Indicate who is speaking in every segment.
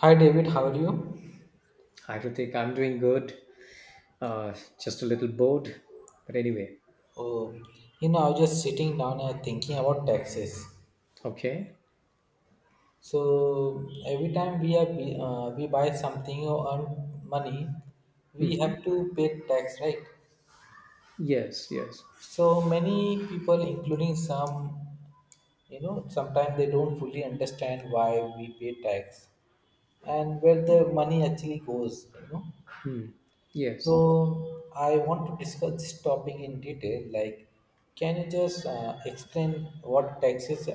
Speaker 1: Hi David, how are you?
Speaker 2: I Hi, think I'm doing good. Uh, just a little bored, but anyway,
Speaker 1: Oh, you know, I was just sitting down and thinking about taxes.
Speaker 2: okay.
Speaker 1: So every time we buy something or earn money, we
Speaker 2: Mm-hmm.
Speaker 1: have to pay tax, right?
Speaker 2: Yes, yes.
Speaker 1: So many people, including some, you know, sometimes they don't fully understand why we pay tax and where the money actually goes. You know,
Speaker 2: Hmm. Yes.
Speaker 1: So I want to discuss this topic in detail. Like, can you just explain what taxes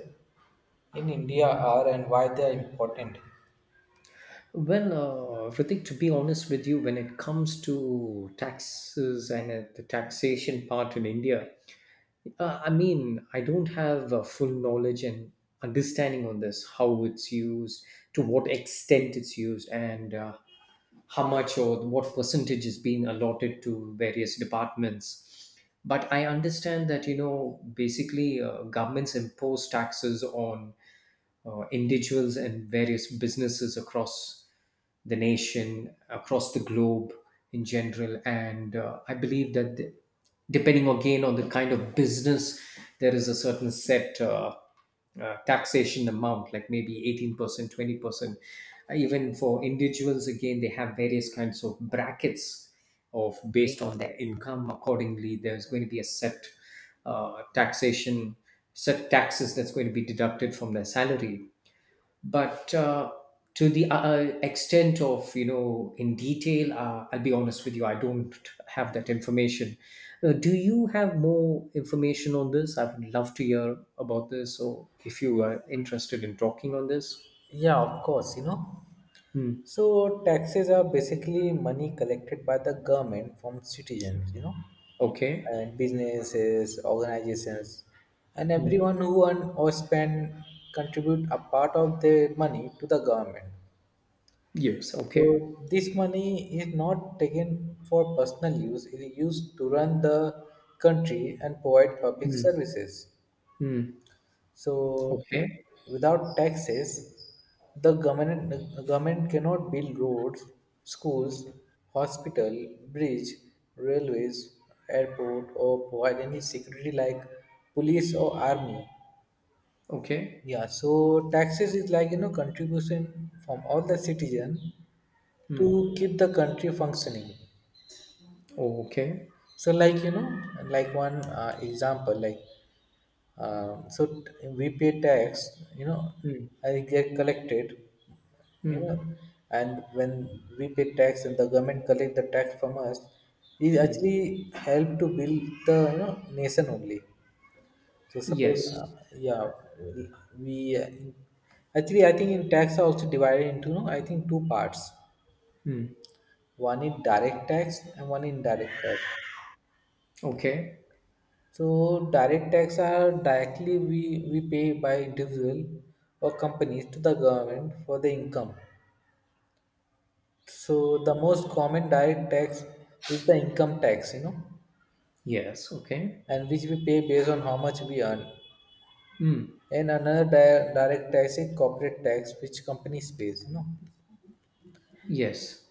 Speaker 1: in India are and why they are important?
Speaker 2: Well, Ritik, to be honest with you, when it comes to taxes and the taxation part in India, I mean, I don't have full knowledge and understanding on this, how it's used, to what extent it's used, and how much or what percentage is being allotted to various departments. But I understand that, you know, basically governments impose taxes on individuals and various businesses across the nation, across the globe in general. And I believe that depending again on the kind of business, there is a certain set taxation amount, like maybe 18%, 20%. Even for individuals, again, they have various kinds of brackets of based on their income, accordingly there's going to be a set taxation, set taxes that's going to be deducted from their salary, but to the extent of in detail, I'll be honest with you, I don't have that information. Do you have more information on this? I would love to hear about this, or if you are interested in talking on this.
Speaker 1: Yeah, of course, you know.
Speaker 2: Hmm.
Speaker 1: So taxes are basically money collected by the government from citizens, you know,
Speaker 2: Okay.
Speaker 1: and businesses, organizations, and everyone who earn or spend contribute a part of their money to the government.
Speaker 2: Yes. Okay.
Speaker 1: So this money is not taken for personal use, it is used to run the country and provide public
Speaker 2: Hmm.
Speaker 1: services.
Speaker 2: Hmm.
Speaker 1: So
Speaker 2: Okay.
Speaker 1: without taxes, the government, the government cannot build roads, schools, hospital, bridge, railways, airport or provide any security like police or army.
Speaker 2: Okay.
Speaker 1: Yeah, so taxes is like you know contribution from all the citizen
Speaker 2: Hmm.
Speaker 1: to keep the country functioning.
Speaker 2: Okay.
Speaker 1: So like you know like one example like we pay tax you know
Speaker 2: Mm,
Speaker 1: I get collected you
Speaker 2: mm,
Speaker 1: know and when we pay tax and the government collect the tax from us it
Speaker 2: mm.
Speaker 1: actually help to build the you know nation only. So suppose,
Speaker 2: Yes.
Speaker 1: yeah, we uh, in- actually I think in tax are also divided into no, I think two parts.
Speaker 2: Mm.
Speaker 1: One is direct tax and one indirect tax.
Speaker 2: Okay.
Speaker 1: So direct tax are directly we pay by individual or companies to the government for the income. So the most common direct tax is the income tax, you know,
Speaker 2: Yes. Okay.
Speaker 1: and which we pay based on how much we earn.
Speaker 2: Mm.
Speaker 1: And another direct tax is corporate tax, which companies pays, you know.
Speaker 2: Yes.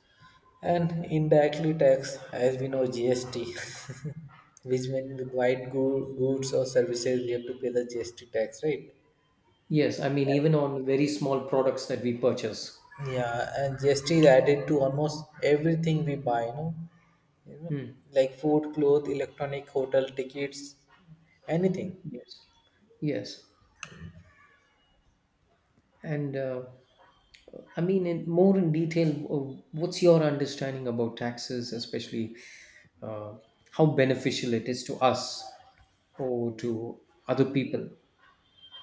Speaker 1: And indirectly tax, as we know, GST, which when we buy goods or services, we have to pay the GST tax, right?
Speaker 2: Yes. I mean, even on very small products that we purchase.
Speaker 1: Yeah, and GST is added to almost everything we buy, you know,
Speaker 2: Mm.
Speaker 1: like food, clothes, electronic, hotel tickets, anything.
Speaker 2: Yes. Yes. And I mean, in detail, what's your understanding about taxes, especially uh, how beneficial it is to us or to other people?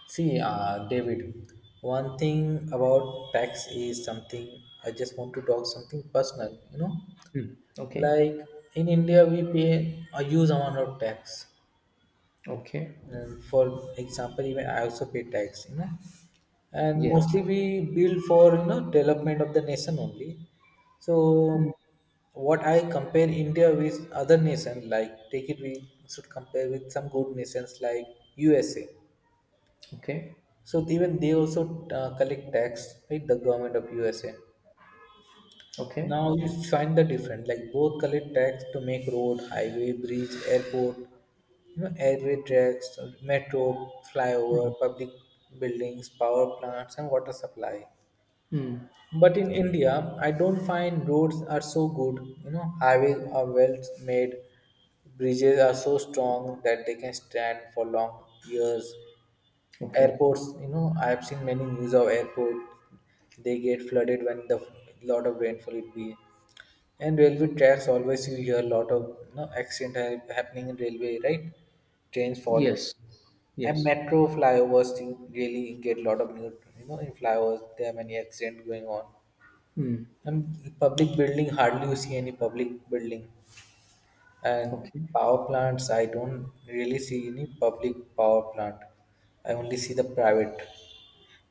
Speaker 1: See, David, one thing about tax is something I just want to talk something personal, you know.
Speaker 2: Mm. Okay.
Speaker 1: Like in India, we pay a huge amount of tax.
Speaker 2: Okay.
Speaker 1: And for example, even I also pay tax, you know. And
Speaker 2: Yeah.
Speaker 1: mostly we build for you know development of the nation only. So
Speaker 2: Mm.
Speaker 1: what I compare India with other nation, like take it we should compare with some good nations like USA.
Speaker 2: Okay.
Speaker 1: So even they also collect tax with the government of USA.
Speaker 2: Okay.
Speaker 1: Now you find the difference. Like both collect tax to make road, highway, bridge, airport, you know, railway tracks, metro, flyover, public buildings, power plants, and water supply.
Speaker 2: Mm.
Speaker 1: But in India, I don't find roads are so good. You know, highways are well made, bridges are so strong that they can stand for long years.
Speaker 2: Okay.
Speaker 1: Airports, you know, I have seen many news of airport. They get flooded when the lot of rainfall it be. And railway tracks always you hear a lot of you know, accident happening in railway, right? Trains falling
Speaker 2: Yes.
Speaker 1: and
Speaker 2: Yes.
Speaker 1: metro flyovers you really get a lot of new, you know, in flyovers there are many accidents going on.
Speaker 2: Hmm.
Speaker 1: And public building hardly you see any public building. And
Speaker 2: Okay.
Speaker 1: power plants, I don't really see any public power plant. I only see the private.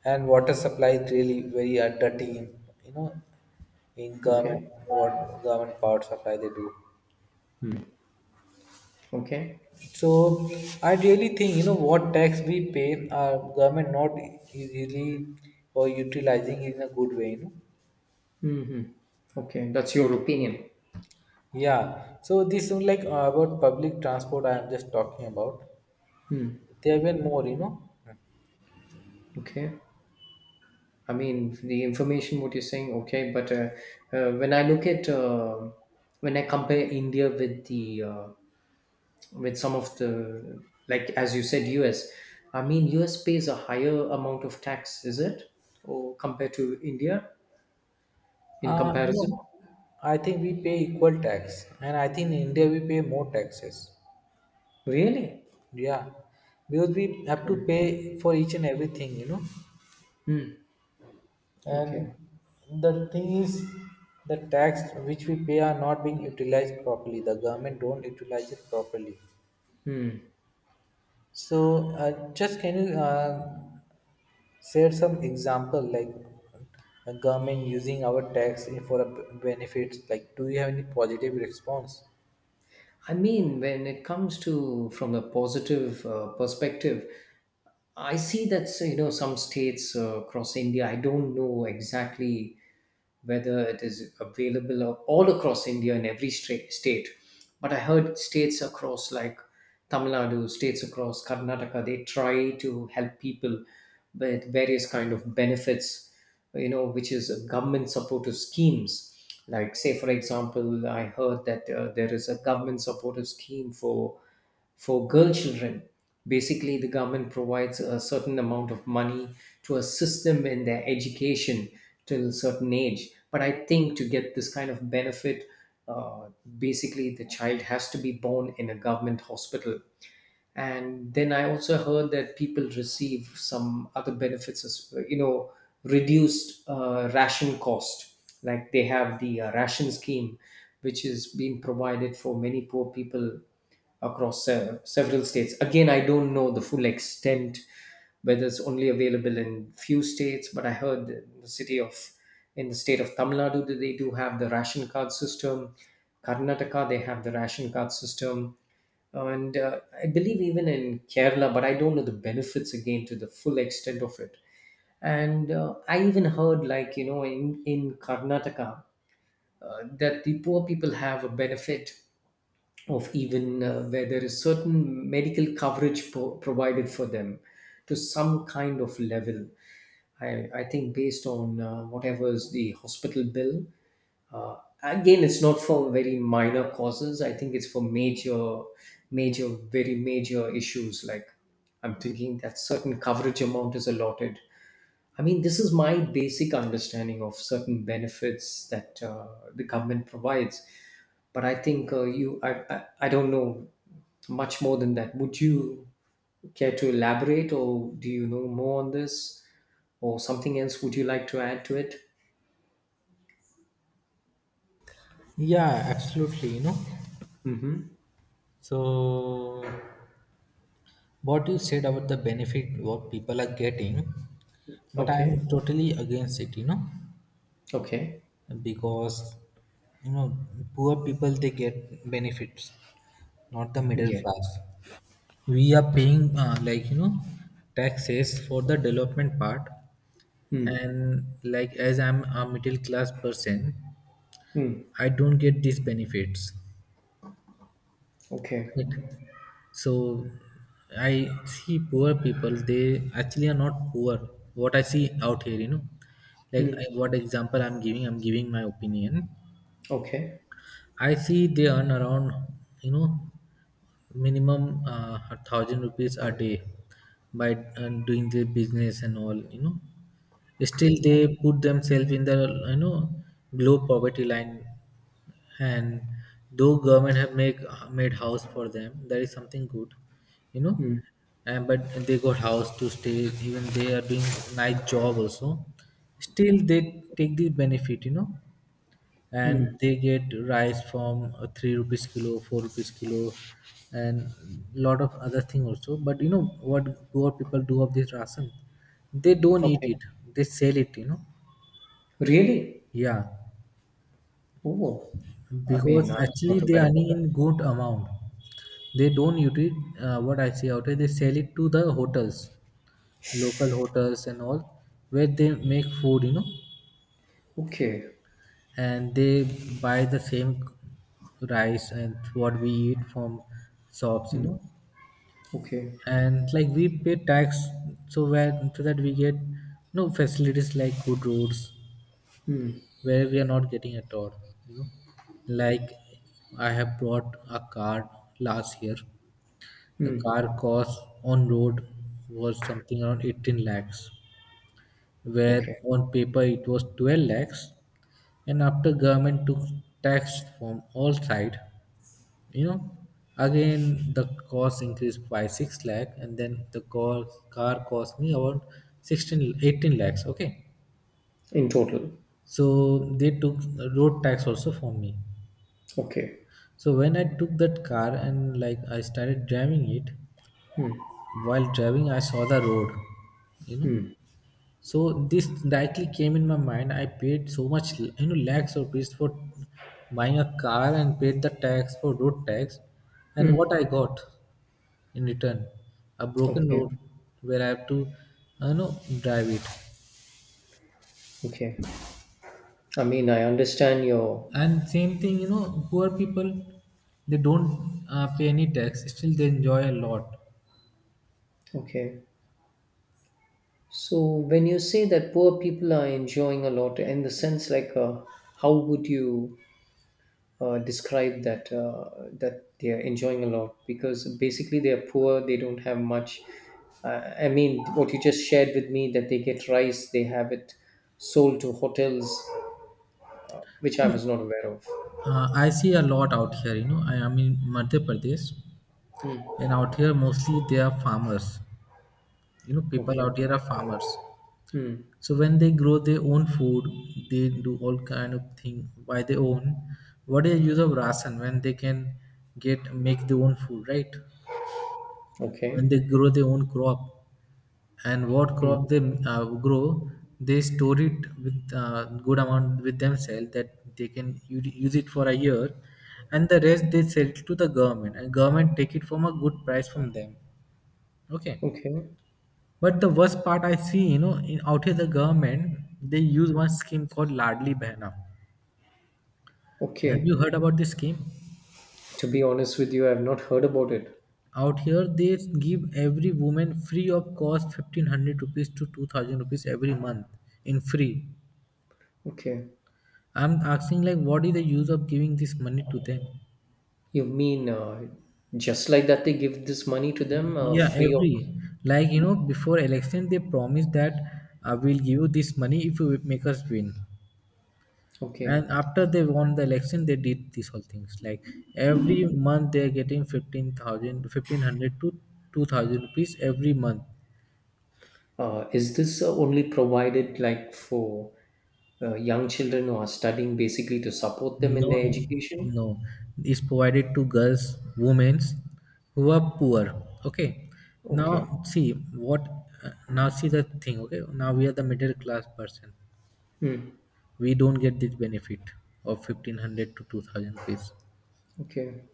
Speaker 1: And water supply is really very dirty in, you know, in government,
Speaker 2: Okay.
Speaker 1: what government power supply they do.
Speaker 2: Okay.
Speaker 1: So I really think you know what tax we pay, our government not easily or utilizing in a good way. You know,
Speaker 2: Hmm. Okay. That's your opinion.
Speaker 1: yeah. So this is like about public transport. I am just talking about.
Speaker 2: Hmm.
Speaker 1: There have been more. You know,
Speaker 2: Okay. I mean, the information what you're saying. Okay, but when I look at, when I compare India with the, with some of the, like, as you said, US. I mean, US pays a higher amount of tax, is it, or compared to India in
Speaker 1: no,
Speaker 2: comparison?
Speaker 1: I think we pay equal tax, and I think in India we pay more taxes.
Speaker 2: Really?
Speaker 1: Yeah, because we have to
Speaker 2: Okay.
Speaker 1: pay for each and everything. You know,
Speaker 2: Hmm.
Speaker 1: and
Speaker 2: Okay.
Speaker 1: the thing is, the tax which we pay are not being utilized properly. The government don't utilize it properly.
Speaker 2: Hmm.
Speaker 1: So, just can you share some example like the government using our tax for a benefits? Like, do you have any positive response?
Speaker 2: I mean, when it comes to from a positive perspective, I see that, some states across India. I don't know exactly whether it is available all across India in every state. But I heard states across like Tamil Nadu, states across Karnataka, they try to help people with various kind of benefits, which is a government supportive schemes. Like say for example, I heard that there is a government supportive scheme for girl children. Basically, the government provides a certain amount of money to assist them in their education till a certain age. But I think to get this kind of benefit, uh, basically the child has to be born in a government hospital. And then I also heard that people receive some other benefits, as you know, reduced ration cost, like they have the ration scheme, which is being provided for many poor people across several states. Again, I don't know the full extent whether it's only available in few states, but I heard that in the state of Tamil Nadu that they do have the ration card system. Karnataka, they have the ration card system, and I believe even in Kerala, but I don't know the benefits again to the full extent of it. And I even heard, like, in Karnataka, that the poor people have a benefit of, even, where there is certain medical coverage provided for them to some kind of level. I think based on whatever is the hospital bill, uh, again, it's not for very minor causes. I think it's for major, major, very major issues. Like I'm thinking that certain coverage amount is allotted. I mean, this is my basic understanding of certain benefits that the government provides. But I think I don't know much more than that. Would you care to elaborate, or do you know more on this, or something else? Would you like to add to it?
Speaker 1: Yeah, absolutely. You know,
Speaker 2: Mm-hmm.
Speaker 1: so what you said about the benefit what people are getting, but I
Speaker 2: Okay.
Speaker 1: am totally against it. You know,
Speaker 2: Okay.
Speaker 1: because you know poor people they get benefits not the middle
Speaker 2: Yeah.
Speaker 1: class, we are paying like you know taxes for the development part,
Speaker 2: Mm.
Speaker 1: and like as I'm a middle class person
Speaker 2: Mm.
Speaker 1: I don't get these benefits,
Speaker 2: Okay.
Speaker 1: right? So I see poor people they actually are not poor, what I see out here you know like
Speaker 2: Mm.
Speaker 1: what example I'm giving my opinion.
Speaker 2: Okay.
Speaker 1: I see they earn around, you know, minimum a thousand rupees a day by doing their business and all, you know. Still,
Speaker 2: Okay.
Speaker 1: they put themselves in the, you know, below poverty line, and though government have make made house for them, that is something good, you know.
Speaker 2: Mm.
Speaker 1: And but they got house to stay. Even they are doing nice job also. Still, they take the benefit, you know, and
Speaker 2: Mm.
Speaker 1: they get rice from 3 rupees kilo, 4 rupees kilo, and lot of other thing also, but you know what, poor people do of this ration, they don't eat
Speaker 2: Okay.
Speaker 1: it, they sell it, you know.
Speaker 2: Really?
Speaker 1: Yeah,
Speaker 2: Oh, I
Speaker 1: because
Speaker 2: mean, I was
Speaker 1: actually
Speaker 2: not
Speaker 1: they
Speaker 2: aware
Speaker 1: are
Speaker 2: about
Speaker 1: earning
Speaker 2: that.
Speaker 1: in good amount, they don't eat it. What I see out there, they sell it to the hotels, local hotels and all, where they make food, you know.
Speaker 2: Okay.
Speaker 1: And they buy the same rice and what we eat from shops, you
Speaker 2: Mm.
Speaker 1: know.
Speaker 2: Okay.
Speaker 1: And like we pay tax, so where so that we get no facilities like good roads,
Speaker 2: Mm.
Speaker 1: where we are not getting at all, you know. Like I have bought a car last year. The
Speaker 2: Mm.
Speaker 1: car cost on road was something around 18 lakhs, where
Speaker 2: Okay.
Speaker 1: on paper it was 12 lakhs, and after government took tax from all side, you know, again the cost increased by 6 lakh, and then the car cost me about 16, 18 lakhs. Okay,
Speaker 2: In total.
Speaker 1: so they took road tax also from me.
Speaker 2: Okay.
Speaker 1: So when I took that car and like I started driving it, while driving I saw the road, you know.
Speaker 2: Mm.
Speaker 1: So this directly came in my mind, I paid so much you know lakhs of rupees for buying a car and paid the tax for road tax, and what
Speaker 2: Mm.
Speaker 1: I got in return. A broken
Speaker 2: Okay.
Speaker 1: road where I have to, you know, drive it.
Speaker 2: Okay. I mean, I understand your.
Speaker 1: And same thing, you know, poor people, they don't pay any tax. Still, they enjoy a lot.
Speaker 2: Okay. So when you say that poor people are enjoying a lot, in the sense like, how would you describe that they are enjoying a lot because basically they are poor, they don't have much. I mean, what you just shared with me that they get rice, they have it sold to hotels, which I was not aware of.
Speaker 1: I see a lot out here. You know, I am in Madhya Pradesh,
Speaker 2: Mm.
Speaker 1: and out here mostly they are farmers. You know, people
Speaker 2: Okay.
Speaker 1: out here are farmers.
Speaker 2: Mm.
Speaker 1: So when they grow their own food, they do all kind of thing by their own. What is the use of ration when they can get make their own food, right? When
Speaker 2: Okay.
Speaker 1: they grow their own crop, and what
Speaker 2: Mm.
Speaker 1: crop they grow, they store it with good amount with themselves that they can use it for a year, and the rest they sell it to the government, and government take it from a good price from them. Okay,
Speaker 2: Okay.
Speaker 1: but the worst part I see, you know, in out here the government they use one scheme called Ladli Behna. Have you
Speaker 2: Okay.
Speaker 1: heard about this scheme?
Speaker 2: To be honest with you, I've not heard about it.
Speaker 1: Out here, they give every woman free of cost 1,500 rupees to 2,000 rupees every month in free.
Speaker 2: Okay.
Speaker 1: I'm asking like, what is the use of giving this money to them?
Speaker 2: You mean just like that they give this money to them
Speaker 1: Yeah,
Speaker 2: free of?
Speaker 1: every like you know before election they promise that we'll give you this money if you make us win. And
Speaker 2: Okay.
Speaker 1: after they won the election, they did these whole things. Like every month they're getting 15,000, 1,500 to 2000 rupees every month.
Speaker 2: Is this only provided like for young children who are studying basically to support them in
Speaker 1: No,
Speaker 2: their
Speaker 1: no,
Speaker 2: education?
Speaker 1: no. Is provided to girls, women who are poor. Okay.
Speaker 2: Okay.
Speaker 1: Now, see what. Now, see the thing. Okay. Now we are the middle class person.
Speaker 2: Hmm.
Speaker 1: We don't get this benefit of 1,500 to 2,000 rupees.
Speaker 2: Okay.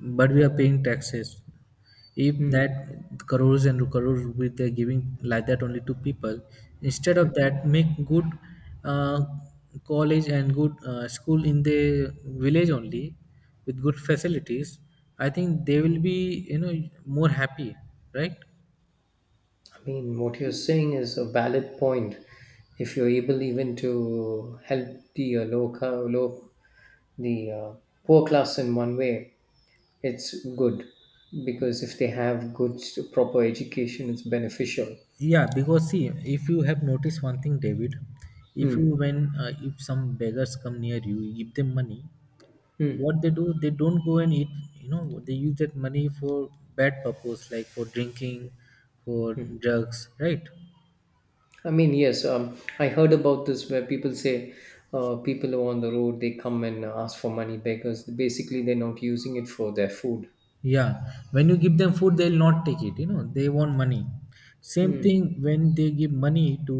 Speaker 1: But we are paying taxes. If
Speaker 2: Hmm.
Speaker 1: that crores and crores with they're giving like that only to people, instead of that, make good uh, college and good school in the village only with good facilities. I think they will be you know more happy, right?
Speaker 2: I mean, what you're saying is a valid point. If you're able even to help the low, low, the poor class in one way, it's good because if they have good proper education, it's beneficial.
Speaker 1: Yeah, because see, if you have noticed one thing, David, if you
Speaker 2: Hmm.
Speaker 1: when if some beggars come near you, you give them money,
Speaker 2: Hmm.
Speaker 1: what they do, they don't go and eat. They use that money for bad purpose, like for drinking, for drugs, right?
Speaker 2: I mean, yes, I heard about this where people say people are on the road, they come and ask for money because basically they're not using it for their food.
Speaker 1: Yeah, when you give them food, they'll not take it. They want money. Same
Speaker 2: Hmm.
Speaker 1: thing when they give money to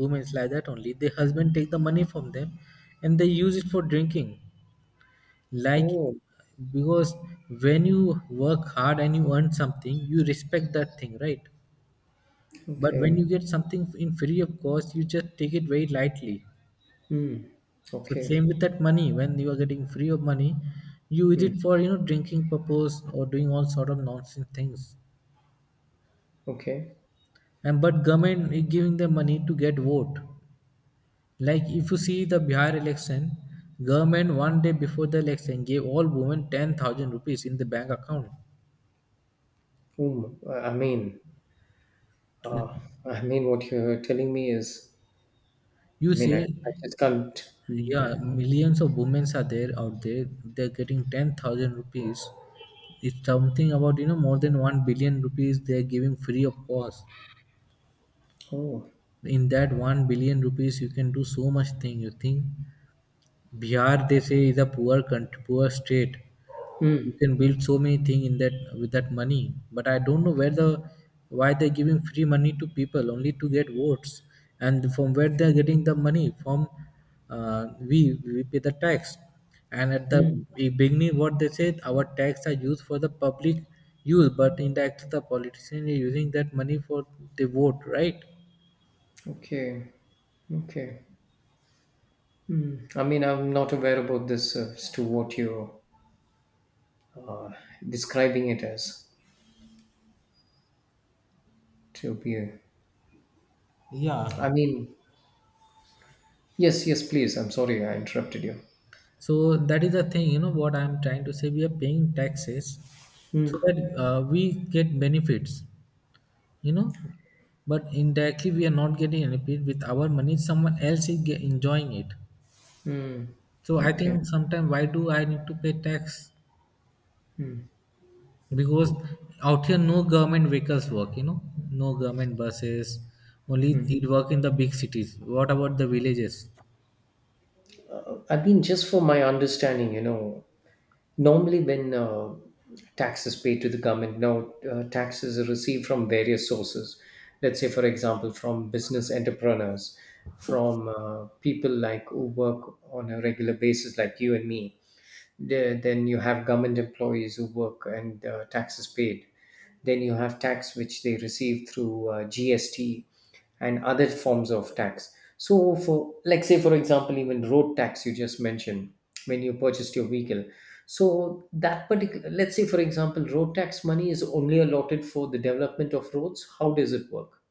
Speaker 1: women like that, only the husband take the money from them, and they use it for drinking, like,
Speaker 2: Oh,
Speaker 1: because when you work hard and you earn something, you respect that thing, right? But when you
Speaker 2: okay.
Speaker 1: get something in free of cost, you just take it very lightly.
Speaker 2: Hmm.
Speaker 1: So
Speaker 2: Okay.
Speaker 1: same with that money. When you are getting free of money, you use
Speaker 2: Hmm.
Speaker 1: it for drinking purpose or doing all sort of nonsense things.
Speaker 2: Okay.
Speaker 1: And but government is giving them money to get vote. Like if you see the Bihar election, government one day before the election gave all women 10,000 rupees in the bank account.
Speaker 2: I mean, uh, what you're telling me is,
Speaker 1: You
Speaker 2: I mean, I,
Speaker 1: say,
Speaker 2: I just can't.
Speaker 1: yeah, millions of women are there out there. They're getting 10,000 rupees. It's something about more than 1 billion rupees they're giving free of cost.
Speaker 2: Oh.
Speaker 1: In that 1 billion rupees you can do so much thing, you think? Bihar, they say, is a poor country, poor state. You
Speaker 2: Hmm.
Speaker 1: can build so many things in that, with that money, but I don't know where the, why they're giving free money to people only to get votes, and from where they're getting the money from. We pay the tax, and at the
Speaker 2: Hmm.
Speaker 1: beginning what they said, our tax are used for the public use, but in the act the politicians are using that money for the vote, right?
Speaker 2: Okay. Okay. Hmm. I mean, I'm not aware about this as to what you're describing it as to be.
Speaker 1: Yeah.
Speaker 2: I mean, yes, yes, please. I'm sorry I interrupted you.
Speaker 1: So that is the thing, what I'm trying to say. We are paying taxes
Speaker 2: Hmm.
Speaker 1: so that we get benefits, you know, but indirectly we are not getting any benefit with our money. Someone else is get, enjoying it.
Speaker 2: Hmm.
Speaker 1: So I
Speaker 2: Okay.
Speaker 1: think sometimes, why do I need to pay tax? Because out here no government vehicles work, no government buses. Only it work in the big cities. What about the villages?
Speaker 2: I mean, just for my understanding, normally when tax is paid to the government, now taxes are received from various sources. Let's say, for example, from business entrepreneurs, from people like who work on a regular basis, like you and me. Then you have government employees who work and taxes paid. Then you have tax which they receive through GST and other forms of tax. So for, like, say for example, even road tax you just mentioned when you purchased your vehicle. So that particular, let's say for example, road tax money is only allotted for the development of roads. How does it work?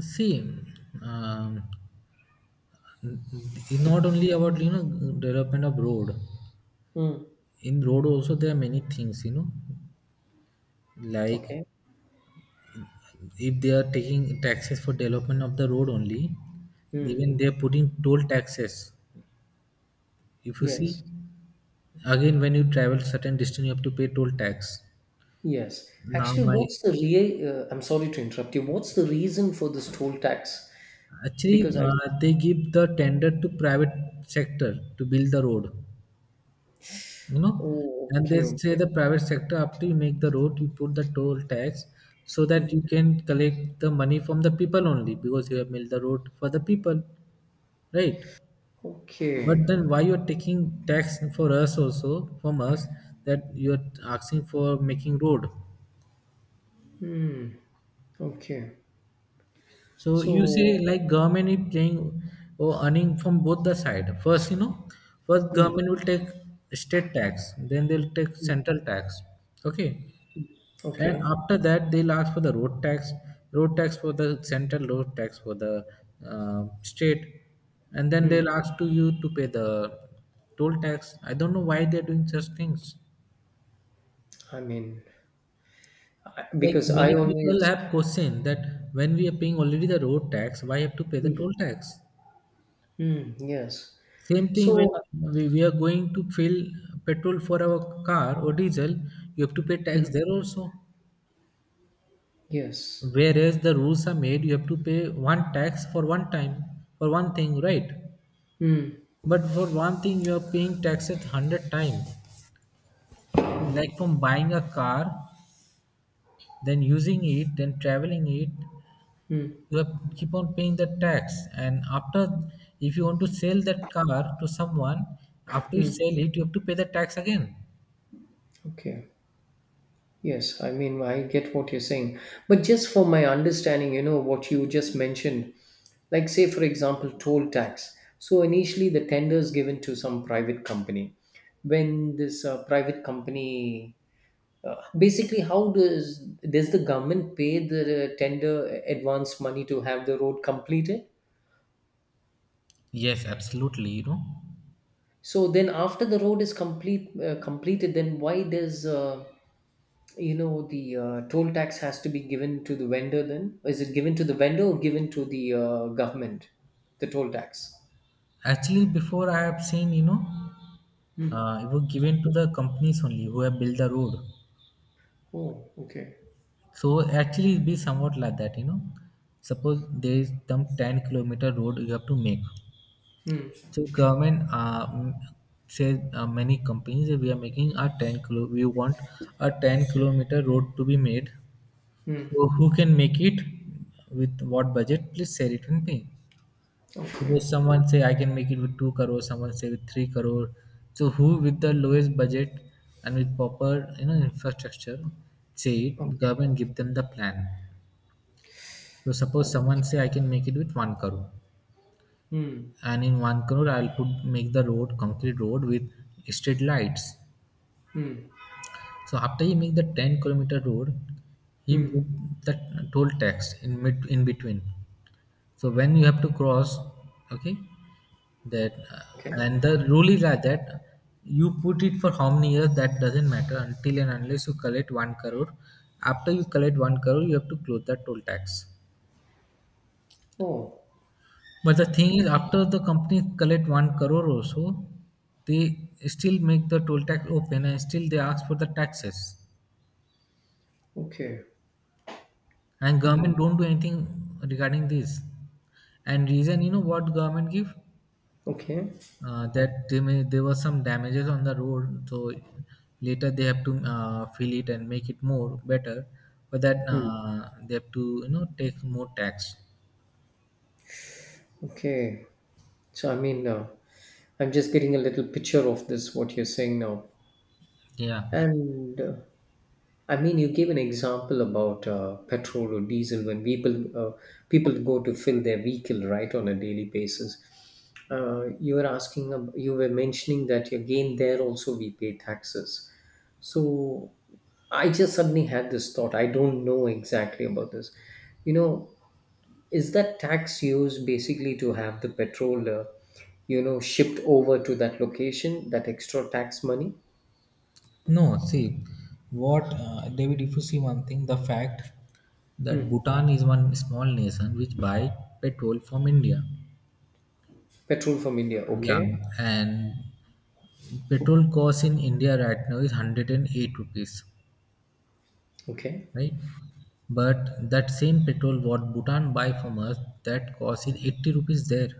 Speaker 1: See, um, it's not only about development of road.
Speaker 2: Mm,
Speaker 1: In road also there are many things, like,
Speaker 2: okay.
Speaker 1: if they are taking taxes for development of the road only,
Speaker 2: Mm,
Speaker 1: even they are putting toll taxes, if you see.
Speaker 2: yes.
Speaker 1: Again when you travel certain distance you have to pay toll tax.
Speaker 2: Yes.
Speaker 1: Now
Speaker 2: Actually,
Speaker 1: my
Speaker 2: what's the real? I'm sorry to interrupt you. What's the reason for this toll tax?
Speaker 1: Actually
Speaker 2: Because I.
Speaker 1: they give the tender to private sector to build the road, you know
Speaker 2: Oh,
Speaker 1: and they
Speaker 2: okay,
Speaker 1: say
Speaker 2: okay,
Speaker 1: the private sector, after you make the road you put the toll tax, so that you can collect the money from the people only, because you have made the road for the people. Right.
Speaker 2: okay.
Speaker 1: But then why you're taking tax for us also, from us, that you're asking for making road?
Speaker 2: Okay.
Speaker 1: So you say
Speaker 2: So,
Speaker 1: like government is playing or earning from both the side. First, first
Speaker 2: mm,
Speaker 1: government will take state tax, then they'll take central tax. Okay. And
Speaker 2: okay.
Speaker 1: after that they'll ask for the road tax for the central, road tax for the state. And then
Speaker 2: Mm,
Speaker 1: they'll ask to you to pay the toll tax. I don't know why they're doing such things.
Speaker 2: I mean,
Speaker 1: Like
Speaker 2: because
Speaker 1: many
Speaker 2: I
Speaker 1: people
Speaker 2: always,
Speaker 1: have questioned that when we are paying already the road tax, why have to pay the toll tax?
Speaker 2: mm, yes.
Speaker 1: Same thing when
Speaker 2: So,
Speaker 1: we are going to fill petrol for our car or diesel, you have to pay tax there also.
Speaker 2: yes.
Speaker 1: Whereas the rules are made, you have to pay one tax for one time, for one thing, right?
Speaker 2: Mm,
Speaker 1: But for one thing, you are paying tax at 100 times. Like from buying a car, then using it, then traveling it, you have keep on paying the tax, and after, if you want to sell that car to someone, after you sell it you have to pay the tax again.
Speaker 2: okay. Yes. I mean, I get what you're saying. But just for my understanding, you know, what you just mentioned, like, say, for example, toll tax. So, initially, the tender is given to some private company. When this private company. Basically, how does the government pay the tender advance money to have the road completed?
Speaker 1: Yes, absolutely,
Speaker 2: So then, after the road is completed, then why does, the toll tax has to be given to the vendor? Then is it given to the vendor or given to the government? The toll tax.
Speaker 1: actually before I have seen, it was given to the companies only who have built the road.
Speaker 2: Oh, okay.
Speaker 1: So actually it be somewhat like that, suppose there is some 10-kilometer road you have to make.
Speaker 2: Hmm.
Speaker 1: So government says many companies, we are making a 10 kilo, we want a 10-kilometer road to be made.
Speaker 2: Hmm.
Speaker 1: So who can make it, with what budget? Please share it with me.
Speaker 2: Okay.
Speaker 1: Suppose someone say I can make it with 2 crore, someone say with 3 crore. So who with the lowest budget and with proper infrastructure, say it,
Speaker 2: Okay.
Speaker 1: government give them the plan. So suppose someone say
Speaker 2: Okay.
Speaker 1: I can make it with 1 crore,
Speaker 2: Hmm.
Speaker 1: and in 1 crore I'll put, make the road concrete road with street lights.
Speaker 2: Hmm.
Speaker 1: So after he make the 10-kilometer road, he put
Speaker 2: Hmm.
Speaker 1: the toll tax in mid, in between. So when you have to cross, okay, that
Speaker 2: Okay.
Speaker 1: and the rule is like that, you put it for how many years that doesn't matter, until and unless you collect one crore. After you collect one crore, you have to close that toll tax.
Speaker 2: Oh.
Speaker 1: But the thing is,
Speaker 2: Okay.
Speaker 1: after the company collect one crore also, they still make the toll tax open and still they ask for the taxes.
Speaker 2: Okay.
Speaker 1: And
Speaker 2: Hmm.
Speaker 1: government don't do anything regarding this. And reason what government give,
Speaker 2: Okay.
Speaker 1: that they may, there was some damages on the road, so later they have to fill it and make it more better. For that
Speaker 2: Hmm.
Speaker 1: they have to take more tax.
Speaker 2: Okay. So, I mean, I'm just getting a little picture of this, what you're saying now.
Speaker 1: Yeah,
Speaker 2: And I mean, you gave an example about petrol or diesel when people go to fill their vehicle right on a daily basis. You were asking, you were mentioning that again there also we pay taxes. So I just suddenly had this thought. I don't know exactly about this. You know, Is that tax used basically to have the petrol, shipped over to that location, that extra tax money?
Speaker 1: no, see, what David, if you see one thing, the fact that
Speaker 2: Hmm.
Speaker 1: Bhutan is one small nation which buy petrol from India.
Speaker 2: Petrol from India.
Speaker 1: Yeah,
Speaker 2: Okay.
Speaker 1: and petrol cost in India right now is 108 rupees,
Speaker 2: Okay.
Speaker 1: right? But that same petrol what Bhutan buy from us, that cost in 80 rupees there.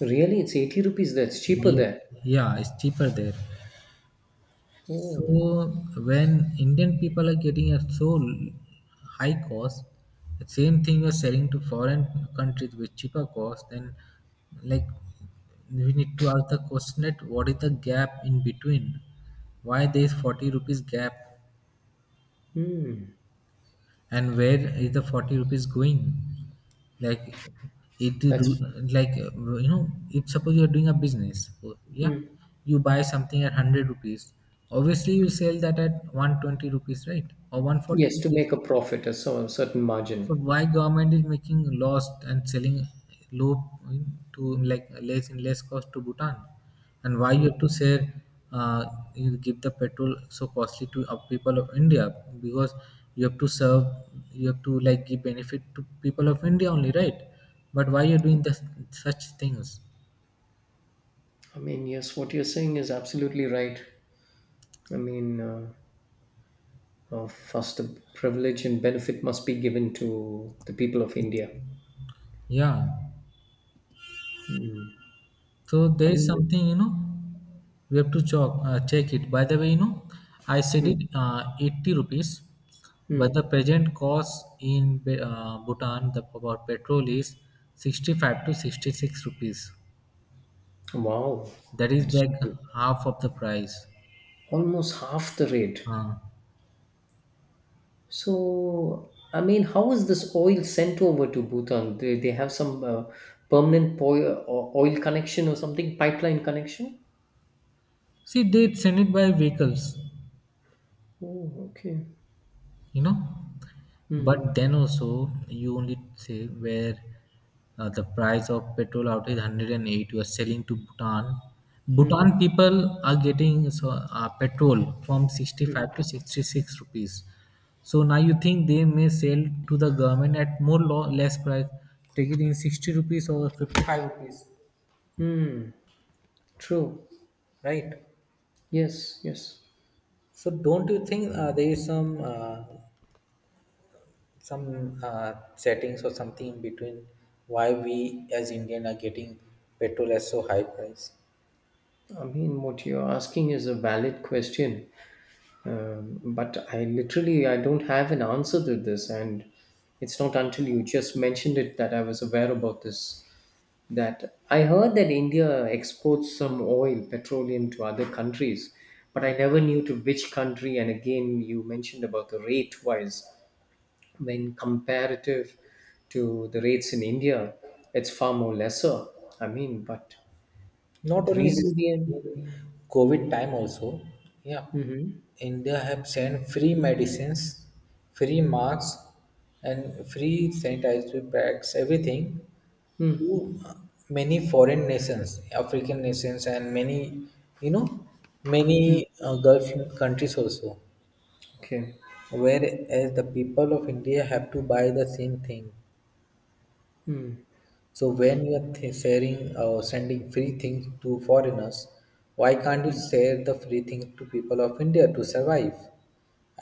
Speaker 2: Really, it's 80 rupees. That's cheaper
Speaker 1: Yeah,
Speaker 2: there.
Speaker 1: yeah, it's cheaper there.
Speaker 2: Oh.
Speaker 1: So when Indian people are getting at so high cost, the same thing you're selling to foreign countries with cheaper cost, then, like, we need to ask the question, that what is the gap in between? Why there is 40 rupees gap,
Speaker 2: Hmm.
Speaker 1: and where is the 40 rupees going? Like, it do,
Speaker 2: That's.
Speaker 1: like, if suppose you're doing a business, yeah,
Speaker 2: Hmm.
Speaker 1: you buy something at 100 rupees, obviously you sell that at 120 rupees, right, or 140
Speaker 2: Yes, to
Speaker 1: rupees.
Speaker 2: make a profit, a certain
Speaker 1: So
Speaker 2: margin.
Speaker 1: why government is making laws and selling low, to, like, less in less cost to Bhutan, and why you
Speaker 2: Hmm.
Speaker 1: have to say uh, you give the petrol so costly to people of India? Because you have to serve, you have to, like, give benefit to people of India only, right? But why you're doing this, such things?
Speaker 2: I mean, yes, what you're saying is absolutely right. I mean, first, the privilege and benefit must be given to the people of India.
Speaker 1: Yeah. So
Speaker 2: I
Speaker 1: there is
Speaker 2: mean,
Speaker 1: something, we have to check, check it. By the way, I said
Speaker 2: mm,
Speaker 1: it 80 rupees, but the
Speaker 2: mm.
Speaker 1: present cost in Bhutan, the about petrol, is 65 to 66 rupees.
Speaker 2: Wow,
Speaker 1: That is
Speaker 2: that's
Speaker 1: like half of the price.
Speaker 2: almost half the rate.
Speaker 1: Uh,
Speaker 2: So, I mean, how is this oil sent over to Bhutan? They have some permanent oil connection or something, pipeline connection?
Speaker 1: see, they send it by vehicles.
Speaker 2: Oh, okay.
Speaker 1: you know
Speaker 2: Hmm.
Speaker 1: but then also, you only say, where the price of petrol out is 108, you are selling to Bhutan.
Speaker 2: Hmm.
Speaker 1: Bhutan people are getting so petrol from 65 to 66 rupees. So now you think, they may sell to the government at more less price, take it in 60 rupees or 55 rupees,
Speaker 2: True.
Speaker 1: right?
Speaker 2: Yes, yes.
Speaker 1: So don't you think there is some settings or something in between, why we as Indian are getting petrol at so high price?
Speaker 2: I mean, what you're asking is a valid question, but I don't have an answer to this, and it's not until you just mentioned it that I was aware about this. That I heard that India exports some oil, petroleum to other countries, but I never knew to which country. And again, you mentioned about the rate wise, when comparative to the rates in India, it's far more lesser. I mean, but
Speaker 1: Not
Speaker 2: the
Speaker 1: only this,
Speaker 2: reason being.
Speaker 1: in COVID time also, yeah,
Speaker 2: Mhm.
Speaker 1: India have sent free medicines, free masks, and free sanitary bags, everything
Speaker 2: Hmm.
Speaker 1: to many foreign nations, African nations, and many, you know,
Speaker 2: Hmm.
Speaker 1: many Gulf countries also.
Speaker 2: Okay.
Speaker 1: Whereas the people of India have to buy the same thing.
Speaker 2: Hmm.
Speaker 1: So when you are sharing or sending free things to foreigners, why can't you
Speaker 2: Hmm.
Speaker 1: share the free thing to people of India to survive?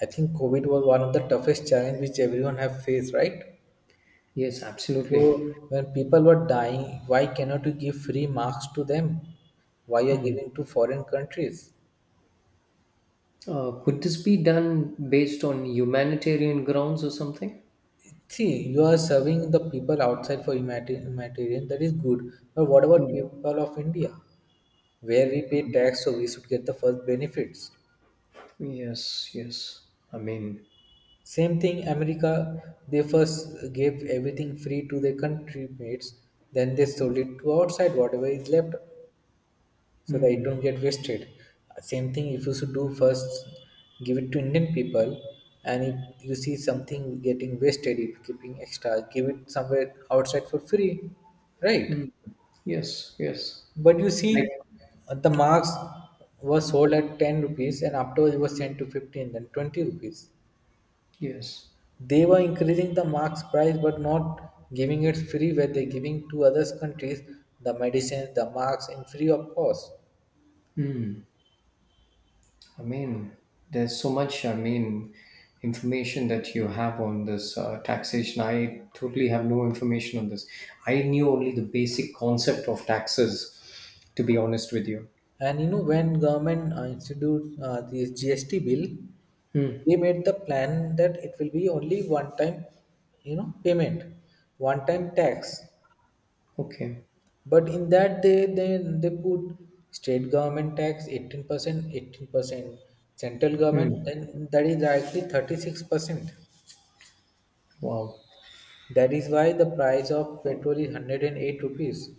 Speaker 1: I think COVID was one of the toughest challenge which everyone have faced, right?
Speaker 2: Yes, absolutely.
Speaker 1: So when people were dying, why cannot you give free masks to them? Why you are
Speaker 2: Hmm.
Speaker 1: giving to foreign countries?
Speaker 2: Could this be done based on humanitarian grounds or something?
Speaker 1: See, you are serving the people outside for humanitarian, humanitarian, that is good. But what about
Speaker 2: Hmm.
Speaker 1: people of India, where we pay tax, so we should get the first benefits.
Speaker 2: Yes, yes. I mean.
Speaker 1: Same thing, America, they first gave everything free to their country mates, then they sold it to outside, whatever is left, so that it
Speaker 2: Mm,
Speaker 1: don't get wasted. Same thing, if you should do first, give it to Indian people, and if you see something getting wasted, if keeping extra, give it somewhere outside for free, right?
Speaker 2: mm. Yes, yes.
Speaker 1: But you
Speaker 2: Like.
Speaker 1: see, the marks was sold at 10 rupees, and afterwards it was sent to 15, then 20 rupees.
Speaker 2: Yes.
Speaker 1: They were increasing the marks price but not giving it free, where they're giving to other countries the medicines, the marks in free of cost.
Speaker 2: I mean, there's so much, I mean, information that you have on this taxation. I totally have no information on this. I knew only the basic concept of taxes, to be honest with you.
Speaker 1: And when government institute this GST bill,
Speaker 2: Mm,
Speaker 1: they made the plan that it will be only one time payment, one time tax.
Speaker 2: okay.
Speaker 1: But in that, they put state government tax 18%, 18% central
Speaker 2: Mm,
Speaker 1: government, then that is directly 36%.
Speaker 2: wow.
Speaker 1: That is why the price of petrol is 108 rupees.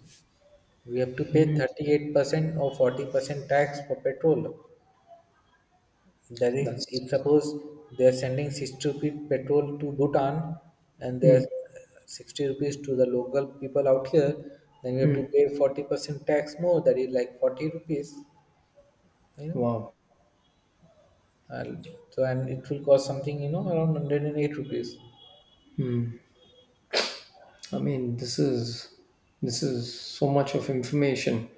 Speaker 1: We have to pay
Speaker 2: Mm,
Speaker 1: 38% or 40% tax for petrol. That is,
Speaker 2: that's.
Speaker 1: if suppose they are sending 60 rupees petrol to Bhutan, and they are
Speaker 2: Mm,
Speaker 1: 60 rupees to the local people out here, then we have to
Speaker 2: mm.
Speaker 1: pay 40% tax more. That is like 40 rupees, you know.
Speaker 2: Wow.
Speaker 1: And so, and it will cost something, around 108 rupees.
Speaker 2: I mean, this is so much of information.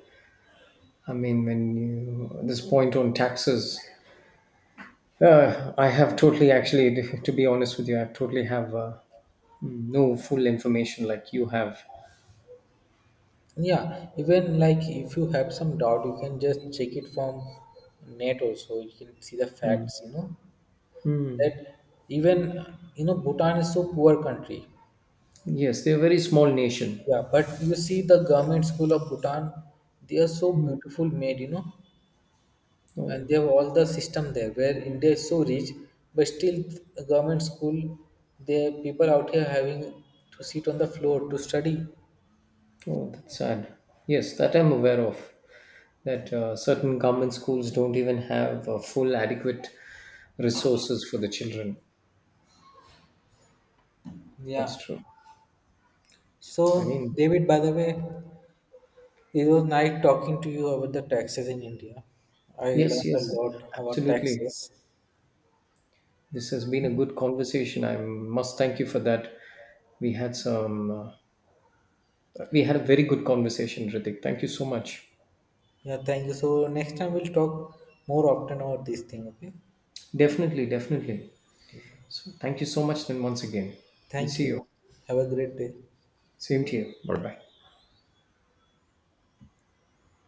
Speaker 2: I mean, when you this point on taxes, I have totally, actually, to be honest with you, I totally have no full information like you have.
Speaker 1: Yeah, even, like, if you have some doubt you can just check it from net also, you can see the
Speaker 2: Mm.
Speaker 1: facts,
Speaker 2: Mm.
Speaker 1: that, even, Bhutan is so poor country.
Speaker 2: Yes, they're a very small nation.
Speaker 1: Yeah, but you see the government school of Bhutan, they are so
Speaker 2: Mm.
Speaker 1: beautiful made, and
Speaker 2: Oh,
Speaker 1: they have all the system there, where India is so rich but still government school, the people out here having to sit on the floor to study.
Speaker 2: oh, that's sad. Yes, that I'm aware of. That certain government schools don't even have full adequate resources for the children. That's
Speaker 1: Yeah.
Speaker 2: true. I
Speaker 1: So,
Speaker 2: mean,
Speaker 1: David, by the way, it was nice talking to you about the taxes in India. I
Speaker 2: yes,
Speaker 1: learned a
Speaker 2: yes,
Speaker 1: lot about
Speaker 2: absolutely.
Speaker 1: taxes.
Speaker 2: This has been a good conversation. I must thank you for that. We had some uh, We had a very good conversation, Ritik. Thank you so much.
Speaker 1: Yeah, thank you. So next time we'll talk more often about this thing, okay?
Speaker 2: Definitely, definitely. So, thank you so much, then, once again. We'll
Speaker 1: Thank
Speaker 2: see you.
Speaker 1: you. Have a great day.
Speaker 2: Same to you. Bye bye.